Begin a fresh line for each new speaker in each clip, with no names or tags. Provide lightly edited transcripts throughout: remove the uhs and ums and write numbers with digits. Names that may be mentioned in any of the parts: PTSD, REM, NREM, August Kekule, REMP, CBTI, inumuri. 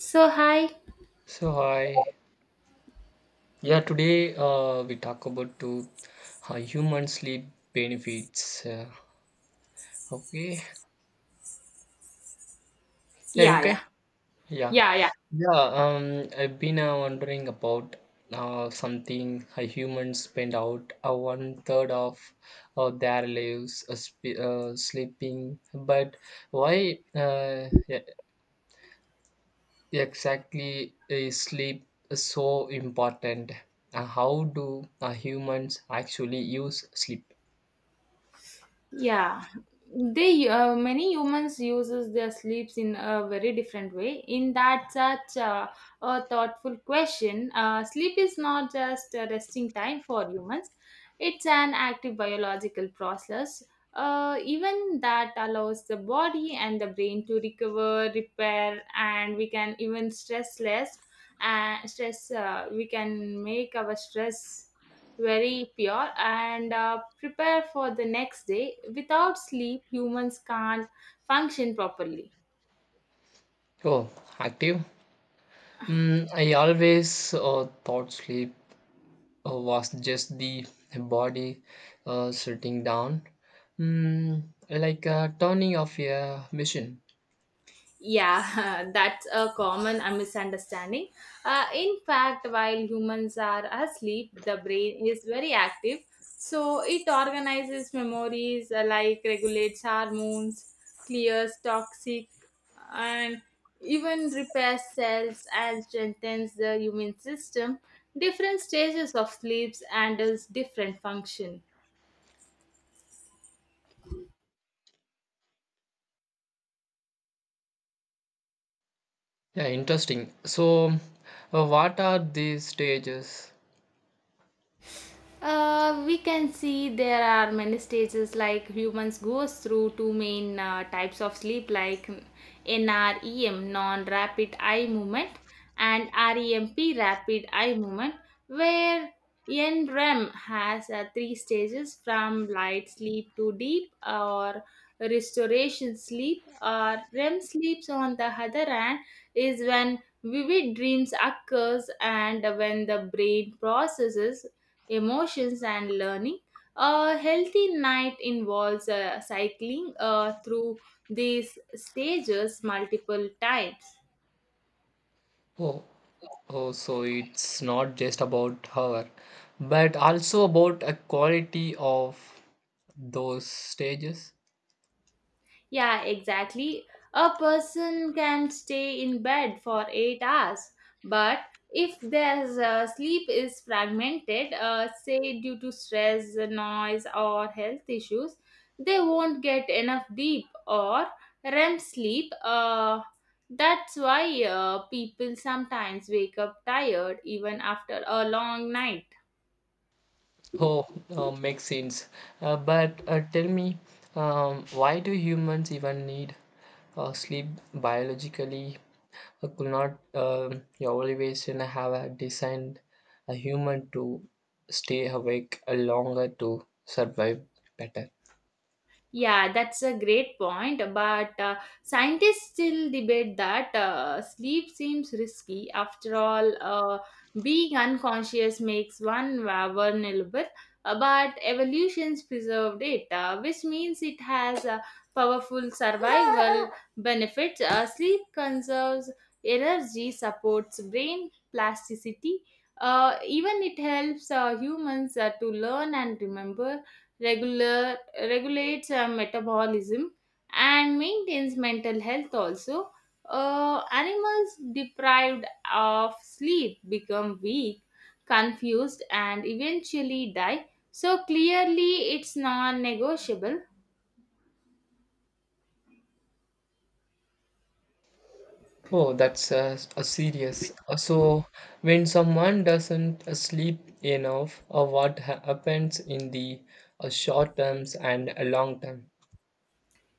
So hi.
So hi, yeah. Today we talk about to human sleep benefits. Okay, yeah, you
Yeah,
okay,
yeah.
yeah,
Yeah, yeah.
yeah. I've been wondering about something. Humans spend out one third of their lives sleeping, but why e- exactly is sleep so important? How do humans actually use sleep?
Yeah, they many humans uses their sleeps in a very different way. In that such a thoughtful question, sleep is not just a resting time for humans; it's an active biological process. Even that allows the body and the brain to recover, repair, and we can even stress less. And stress, we can make our stress very pure and prepare for the next day. Without sleep, humans can't function properly.
Oh, active. Mm, I always thought sleep was just the body sitting down, mm, like turning off a machine.
Yeah, that's a common misunderstanding. In fact, while humans are asleep, the brain is very active. So it organizes memories, like regulates hormones, clears toxic, and even repairs cells and strengthens the immune system. Different stages of sleeps handles different function.
Yeah, interesting. So, what are these stages?
We can see there are many stages like humans goes through two main types of sleep like NREM non-rapid eye movement and REMP rapid eye movement where NREM has three stages from light sleep to deep or restoration sleep or REM sleeps on the other hand is when vivid dreams occurs and when the brain processes emotions and learning. A healthy night involves cycling through these stages multiple times.
Oh, oh, so it's not just about her, but also about a quality of those stages.
Yeah, exactly. A person can stay in bed for 8 hours, but if their sleep is fragmented, say due to stress, noise, or health issues, they won't get enough deep or REM sleep. That's why people sometimes wake up tired even after a long night.
Oh, makes sense. But tell me, why do humans even need sleep biologically? Could not your evolution have designed a human to stay awake longer to survive better?
Yeah, that's a great point. But scientists still debate that sleep seems risky. After all, being unconscious makes one vulnerable, but evolution's preserved it, which means it has powerful survival benefits. Sleep conserves energy, supports brain plasticity. Even it helps humans to learn and remember regular regulates metabolism and maintains mental health also. Animals deprived of sleep become weak, confused, and eventually die, so clearly it's non-negotiable.
Oh, that's a serious. So, when someone doesn't sleep enough, what happens in the short terms and long term?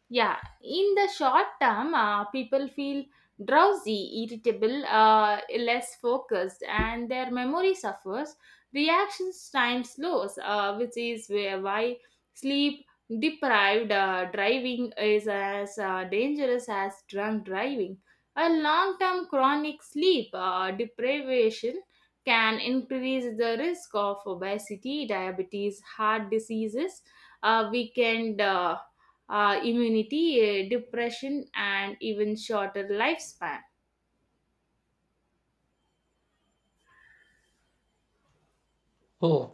Yeah, in the short term, people feel drowsy, irritable, less focused, and their memory suffers. Reactions time slows, which is where why sleep deprived driving is as dangerous as drunk driving. A long term chronic sleep deprivation can increase the risk of obesity, diabetes, heart diseases, weakened. Immunity, depression, and even shorter lifespan.
Oh,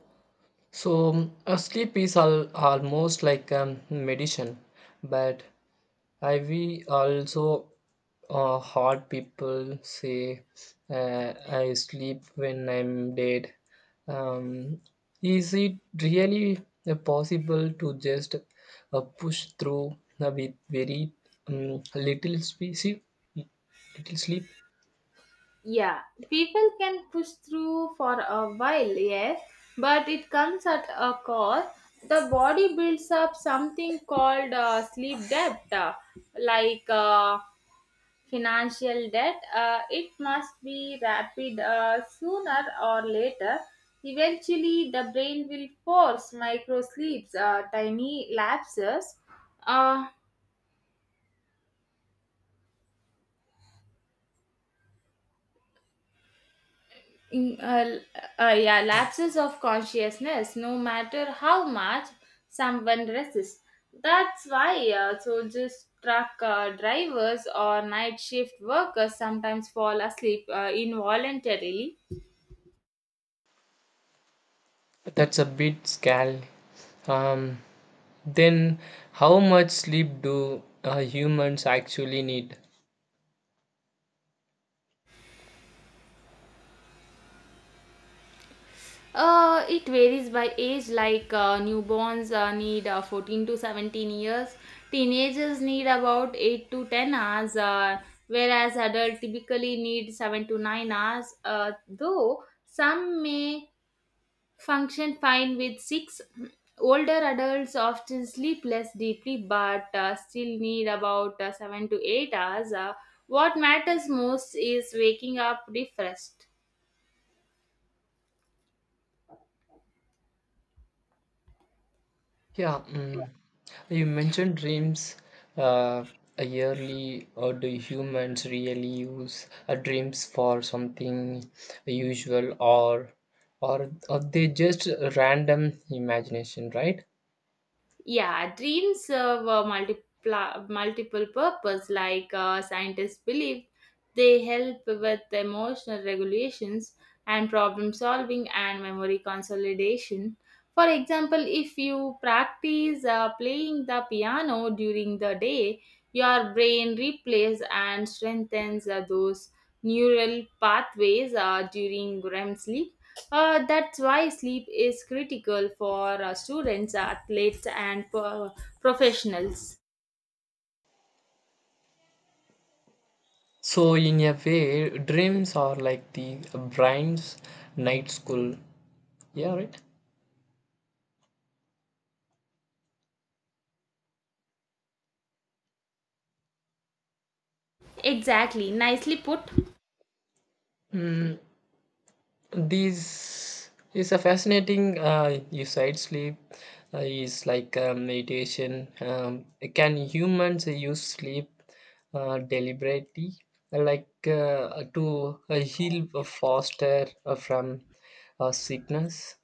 so sleep is almost like medicine, but I we also heard people say I sleep when I'm dead. Um, is it really possible to just push through with very little species, little sleep?
Yeah, people can push through for a while, yes, but it comes at a cost. The body builds up something called sleep debt, like financial debt. It must be rapid sooner or later. Eventually, the brain will force micro sleeps, tiny uh, yeah, lapses of consciousness, no matter how much someone resists. That's why soldiers, truck drivers, or night shift workers sometimes fall asleep involuntarily.
That's a bit scary. Um, Then, how much sleep do humans actually need?
It varies by age, like newborns need 14 to 17 years, teenagers need about 8 to 10 hours, whereas adults typically need 7 to 9 hours, though some may function fine with six. Older adults often sleep less deeply but still need about 7 to 8 hours. What matters most is waking up refreshed.
Yeah, mm, you mentioned dreams uh, yearly, or do humans really use dreams for something usual, or are they just random imagination, right?
Yeah, dreams serve a multiple purpose, like scientists believe. They help with emotional regulations and problem solving and memory consolidation. For example, if you practice playing the piano during the day, your brain replays and strengthens those neural pathways during REM sleep. That's why sleep is critical for students, athletes, and professionals.
So, in a way, dreams are like the brain's night school. Yeah, right.
Exactly, nicely put.
Hmm, this is a fascinating you said sleep is like meditation. Can humans use sleep deliberately, like to heal faster from sickness?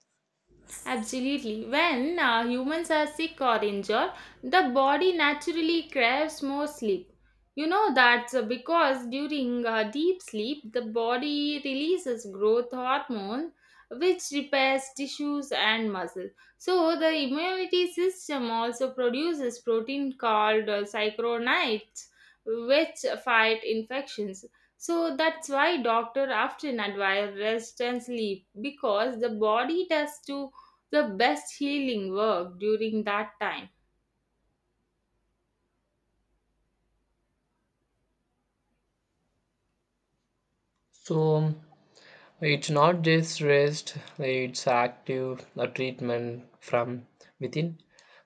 Absolutely. When humans are sick or injured, the body naturally craves more sleep. You know that's because during deep sleep, the body releases growth hormone which repairs tissues and muscle. So the immunity system also produces protein called cyclonides which fight infections. So that's why doctor often advise rest and sleep because the body has to the best healing work during that time.
So it's not just rest, it's active treatment from within.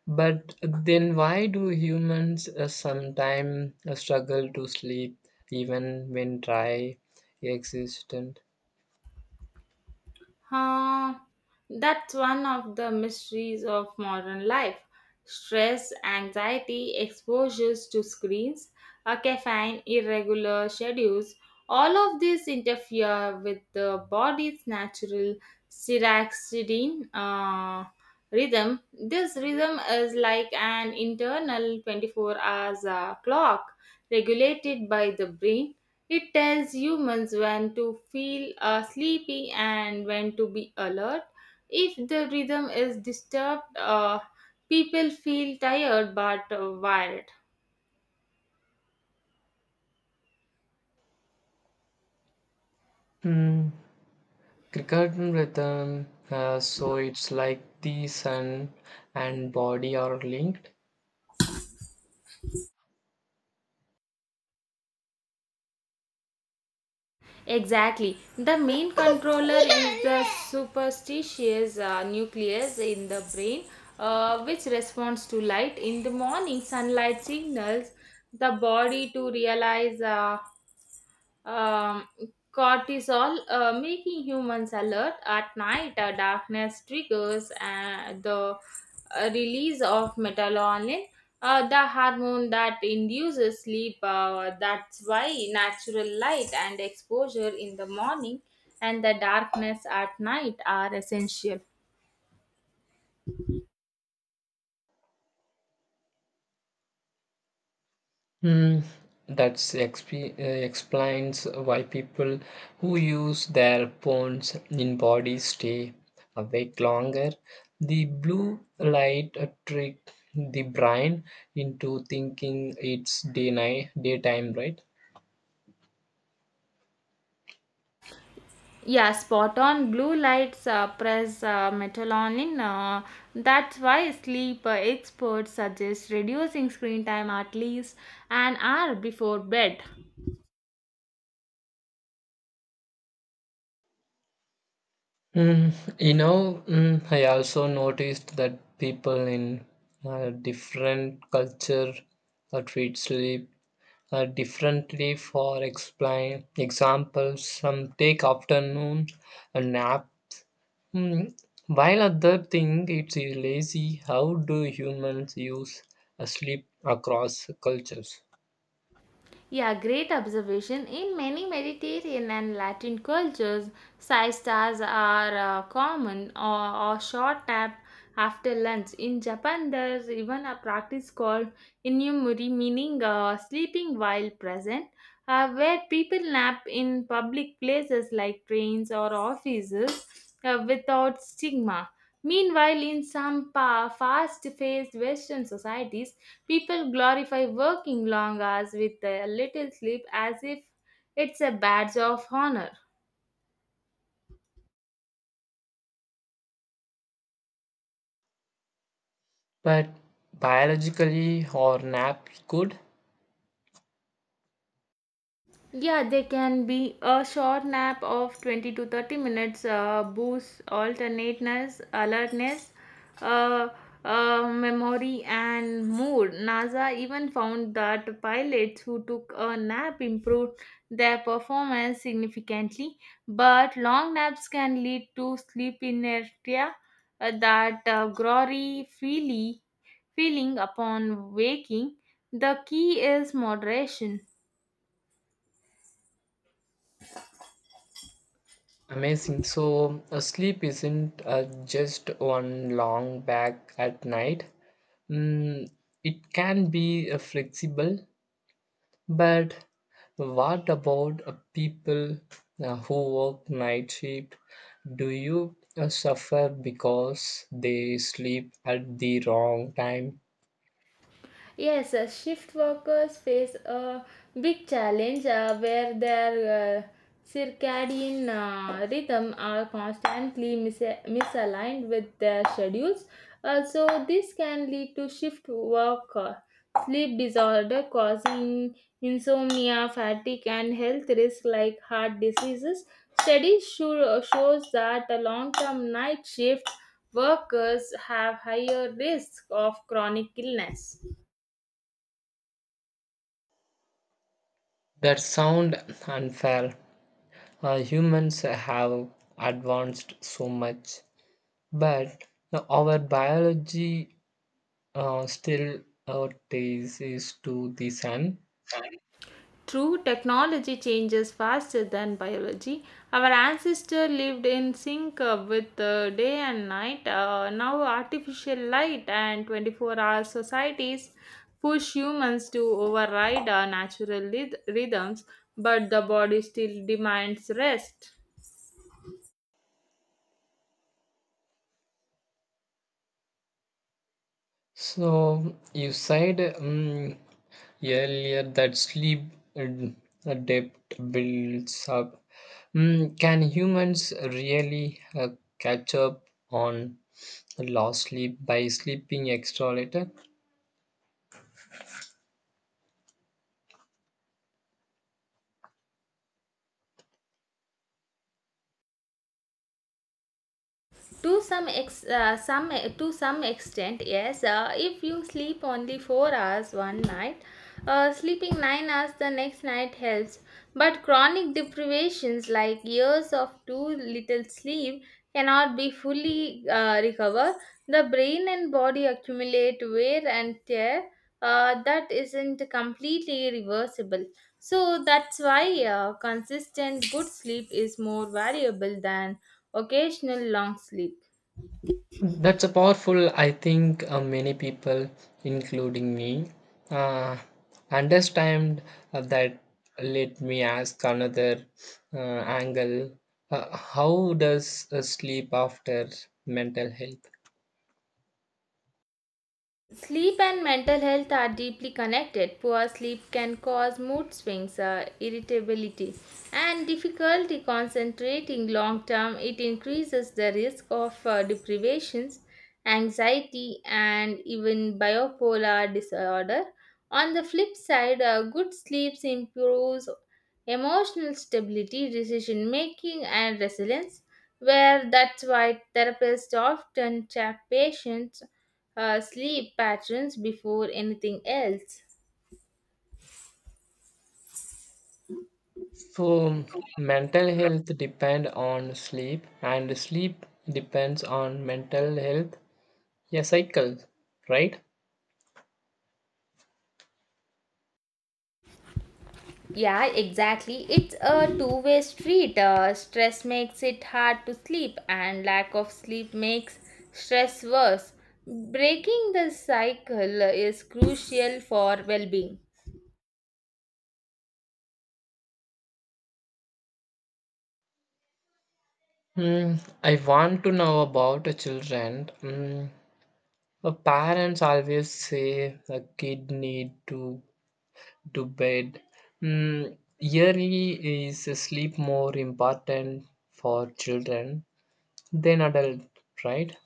But then why do humans sometimes struggle to sleep even when try existent?
Huh, that's one of the mysteries of modern life. Stress, anxiety, exposures to screens, a caffeine, irregular schedules, all of these interfere with the body's natural circadian rhythm. This rhythm is like an internal 24 hours clock regulated by the brain. It tells humans when to feel sleepy and when to be alert. If the rhythm is disturbed, people feel tired but wired.
Hmm. Cricket rhythm, so it's like the sun and body are linked.
Exactly. The main controller is the superstitious nucleus in the brain, which responds to light. In the morning, sunlight signals the body to realize. Um, Cortisol, making humans alert at night. Darkness triggers the release of melatonin, the hormone that induces sleep. That's why natural light and exposure in the morning and the darkness at night are essential.
Hmm, that's explains why people who use their phones in body stay awake longer. The blue light trick the brain into thinking it's day night daytime, right?
Yeah, spot on. Blue lights suppress melatonin. That's why sleep experts suggest reducing screen time at least an hour before bed.
Mm, you know, mm, I also noticed that people in different culture treat sleep differently. For explain examples, some take afternoon a nap, mm, while other think it's lazy. How do humans use sleep across cultures?
Yeah, great observation. In many Mediterranean and Latin cultures, side stars are common or short nap after lunch. In Japan, there's even a practice called inumuri, meaning sleeping while present, where people nap in public places like trains or offices without stigma. Meanwhile, in some fast-paced Western societies, people glorify working long hours with a little sleep as if it's a badge of honor.
But biologically, or nap good?
Yeah, they can be a short nap of 20 to 30 minutes, boosts alertness, uh, memory, and mood. NASA even found that pilots who took a nap improved their performance significantly, but long naps can lead to sleep inertia, that feeling upon waking. The key is moderation.
Amazing. So, sleep isn't just one long back at night. Mm, it can be flexible, but what about people who work night shift? Do you suffer because they sleep at the wrong time?
Yes, shift workers face a big challenge where their circadian rhythm are constantly misaligned with their schedules. Also, this can lead to shift work, sleep disorder, causing insomnia, fatigue, and health risks like heart diseases. Shows that the long-term night shift workers have higher risk of chronic illness.
That sound unfair. Humans have advanced so much, but our biology still traces to the sun.
True, technology changes faster than biology. Our ancestors lived in sync with the day and night. Now, artificial light and 24-hour societies push humans to override our natural rhythms, but the body still demands rest.
So you said earlier that sleep debt builds up. Mm, can humans really catch up on lost sleep by sleeping extra later?
to some ex uh, some to some extent yes, if you sleep only 4 hours one night, sleeping 9 hours the next night helps, but chronic deprivations like years of too little sleep cannot be fully recovered. The brain and body accumulate wear and tear that isn't completely reversible, so that's why consistent good sleep is more valuable than occasional long sleep.
That's a powerful, I think many people, including me, uh, understand that. Let me ask another uh, angle. How does sleep after mental health?
Sleep and mental health are deeply connected. Poor sleep can cause mood swings, irritability, and difficulty concentrating long term. It increases the risk of deprivations, anxiety, and even bipolar disorder. On the flip side, good sleep improves emotional stability, decision making, and resilience. Where that's why therapists often track patients sleep patterns before anything else.
So, mental health depend on sleep, and sleep depends on mental health. A cycle, right?
Yeah, exactly. It's a two-way street. Stress makes it hard to sleep, and lack of sleep makes stress worse. Breaking the cycle is crucial for well being.
Mm, I want to know about the children. Mm, parents always say a kid need to bed. Mm, yearly is sleep more important for children than adult, right?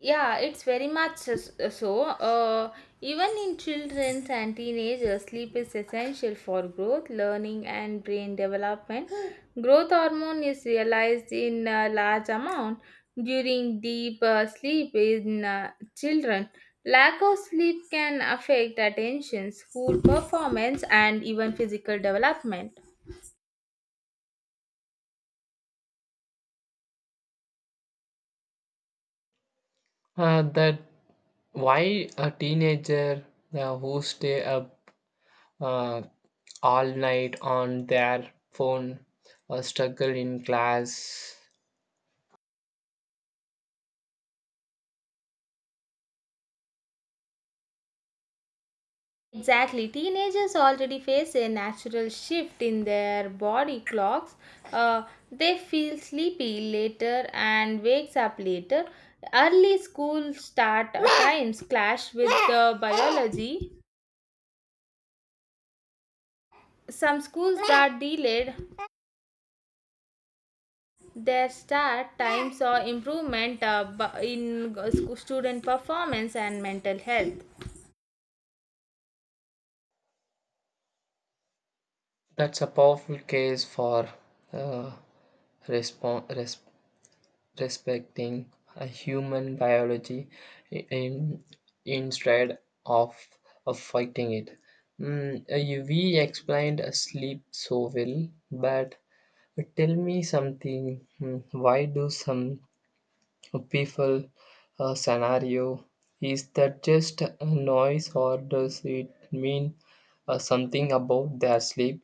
Yeah, it's very much so. Even in children and teenagers, sleep is essential for growth, learning, and brain development. Growth hormone is realized in a large amount during deep sleep in children. Lack of sleep can affect attention, school performance, and even physical development.
That why a teenager who stay up uh, all night on their phone or struggle in class.
Exactly. Teenagers already face a natural shift in their body clocks. Uh, they feel sleepy later and wakes up later. Early school start times clash with the biology. Some schools that delayed their start times saw improvement in student performance and mental health.
That's a powerful case for uh, respon- res- respecting a human biology in, instead of, of fighting it. Mm, you- we explained sleep so well, but tell me something. Mm, why do some people scenario? Is that just a noise, or does it mean something about their sleep?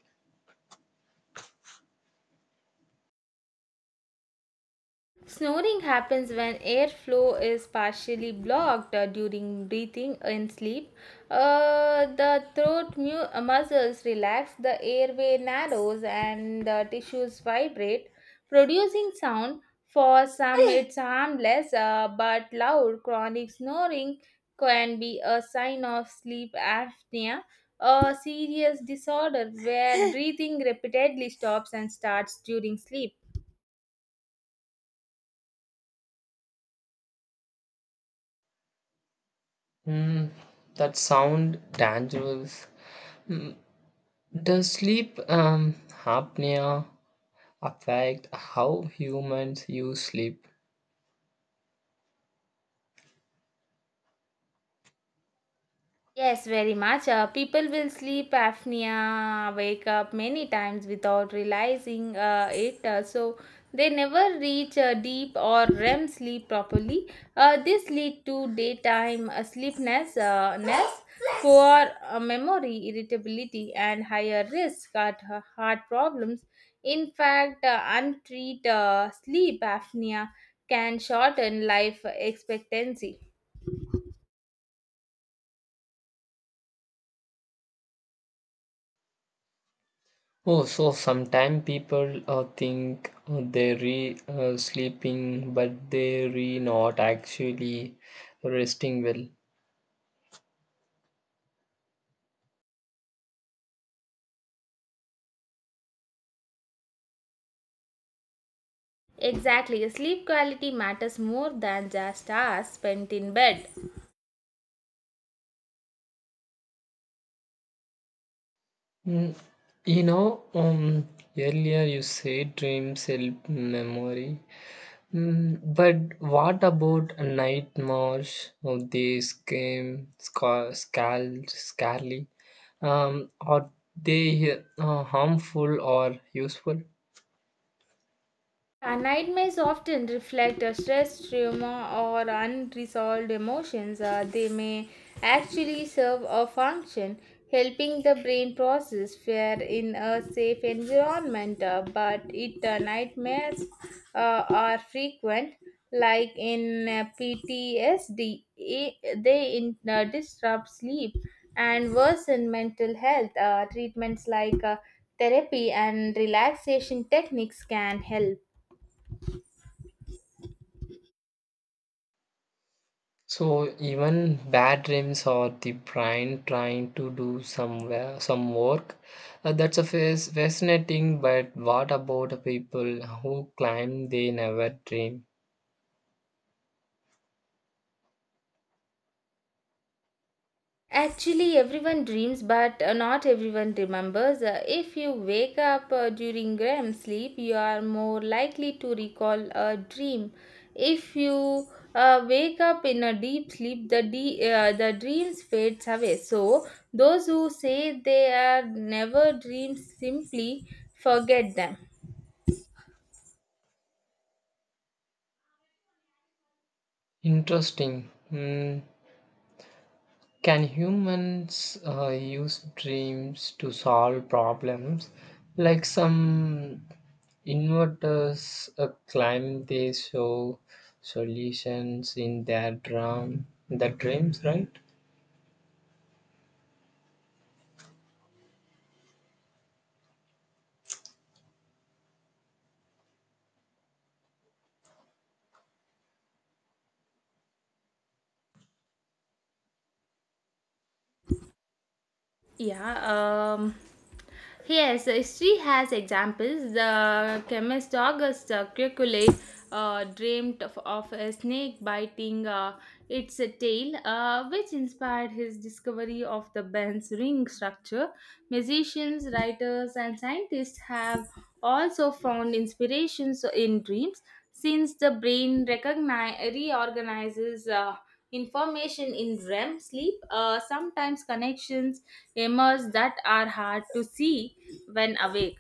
Snoring happens when airflow is partially blocked during breathing and sleep. Uh, the throat muscles relax, the airway narrows, and the tissues vibrate, producing sound. For some, it's harmless, but loud chronic snoring can be a sign of sleep apnea, a serious disorder where breathing repeatedly stops and starts during sleep.
Mm, that sound dangerous. Does sleep apnea affect how humans use sleep.
Yes, very much. People will sleep apnea, wake up many times without realizing it. So they never reach deep or REM sleep properly. This lead to daytime sleepness, ness, poor memory, irritability, and higher risk at heart problems. In fact, untreated sleep apnea can shorten life expectancy.
Oh, so sometimes people think they re sleeping, but they re not actually resting well.
Exactly, sleep quality matters more than just hours spent in bed.
Mm, you know, earlier you said dreams help memory, mm, but what about a night march? Oh, they came scarly. Are they harmful or useful?
Yeah, nightmares often reflect a stress, trauma, or unresolved emotions. They may actually serve a function, helping the brain process fear in a safe environment. But it nightmares are frequent, like in PTSD, they disrupt sleep and worsen mental health. Treatments like therapy and relaxation techniques can help.
So even bad dreams or the brain trying to do some work. That's a fascinating. But what about the people who claim they never dream?
Actually, everyone dreams, but not everyone remembers. If you wake up during REM sleep, you are more likely to recall a dream. If you wake up in a deep sleep, the the dreams fades away. So those who say they are never dreams simply forget them.
Interesting. Hmm. Can humans use dreams to solve problems? Like some inventors claim they show solutions in their dreams, right?
Yeah. Yes, history has examples. The chemist August Kekule dreamed of a snake biting its tail, which inspired his discovery of the Benz ring structure. Musicians, writers, and scientists have also found inspirations in dreams since the brain reorganizes information in REM sleep. Sometimes connections emerge that are hard to see when awake.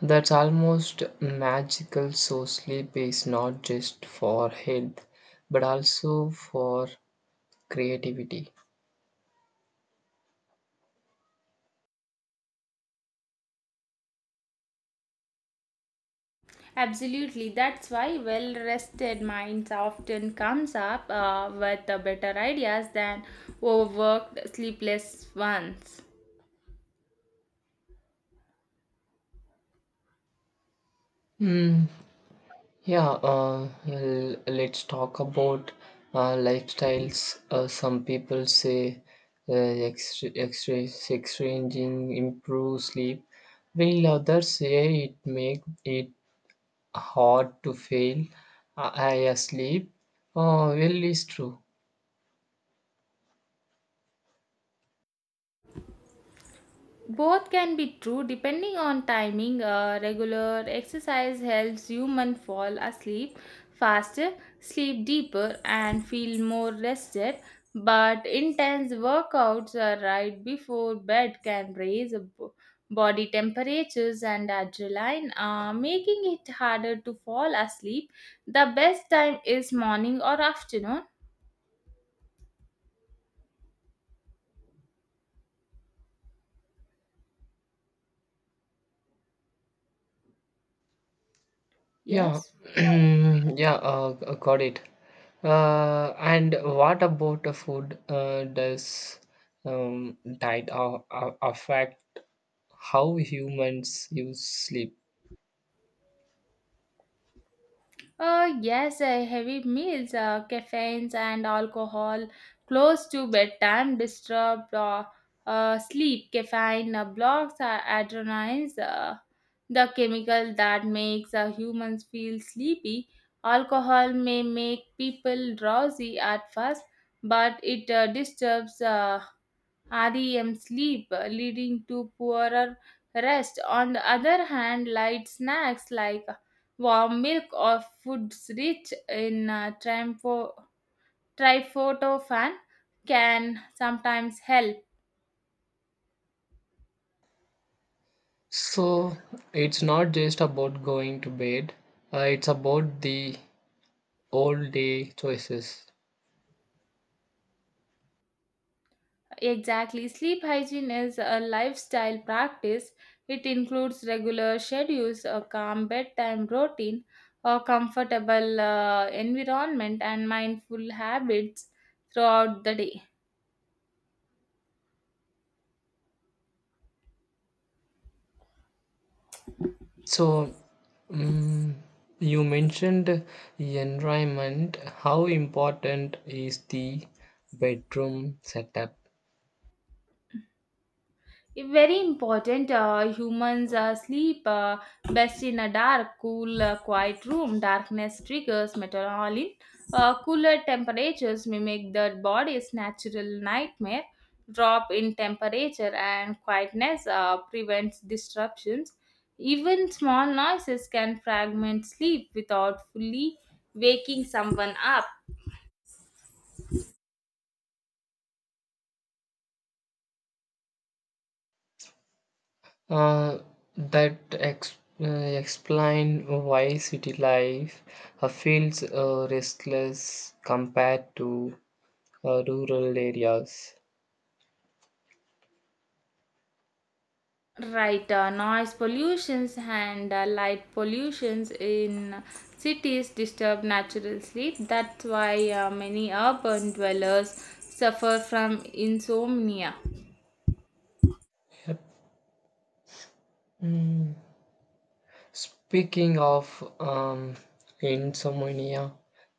That's almost magical. So, sleep is not just for health but also for creativity.
Absolutely, that's why well rested minds often comes up with the better ideas than overworked sleepless ones.
Hmm, yeah, let's talk about lifestyles. Some people say uh, exchanging improves sleep, while others say it make it hard to fail. I sleep. Oh, well, it's true.
Both can be true depending on timing. Regular exercise helps human fall asleep faster, sleep deeper, and feel more rested. But intense workouts right before bed can raise body temperatures and adrenaline, making it harder to fall asleep. The best time is morning or afternoon.
Yeah,
Yes.
yeah, got it. And what about the food? Does diet affect how humans use sleep?
Yes, heavy meals, caffeines, and alcohol close to bedtime disturb sleep. Caffeine blocks adrenals, the chemical that makes humans feel sleepy. Alcohol may make people drowsy at first, but it disturbs REM sleep, leading to poorer rest. On the other hand, light snacks like warm milk or foods rich in tryptophan can sometimes help.
So it's not just about going to bed, it's about the all day choices.
Exactly, sleep hygiene is a lifestyle practice. It includes regular schedules, a calm bedtime routine, a comfortable environment, and mindful habits throughout the day.
So mm you mentioned environment. How important is the bedroom setup?
Very important. Humans sleep best in a dark, cool, quiet room. Darkness triggers melatonin, cooler temperatures mimic the body's natural nightmare drop in temperature, and quietness prevents disruptions. Even small noises can fragment sleep without fully waking someone up.
Uh, that explain why city life feels restless compared to rural areas.
Right, noise pollutions and light pollutions in cities disturb natural sleep. That's why many urban dwellers suffer from insomnia.
Yep. Mm. Speaking of insomnia,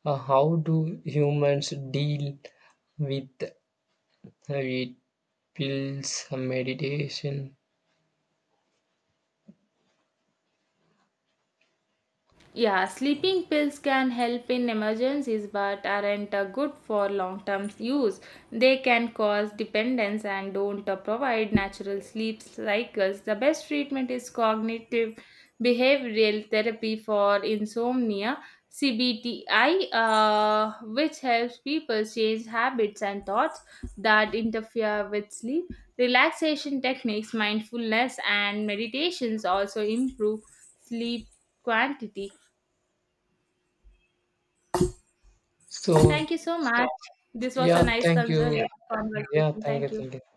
how do humans deal with it? Pills, meditation.
Yeah, sleeping pills can help in emergencies but aren't good for long term use. They can cause dependence and don't provide natural sleep cycles. The best treatment is cognitive behavioral therapy for insomnia, CBTI, which helps people change habits and thoughts that interfere with sleep. Relaxation techniques, mindfulness, and meditations also improve sleep quantity.
So
Thank you so much. This was a
yeah,
nice
thank you.
conservative conversation.
Yeah, thank you,
Thank you.
thank you.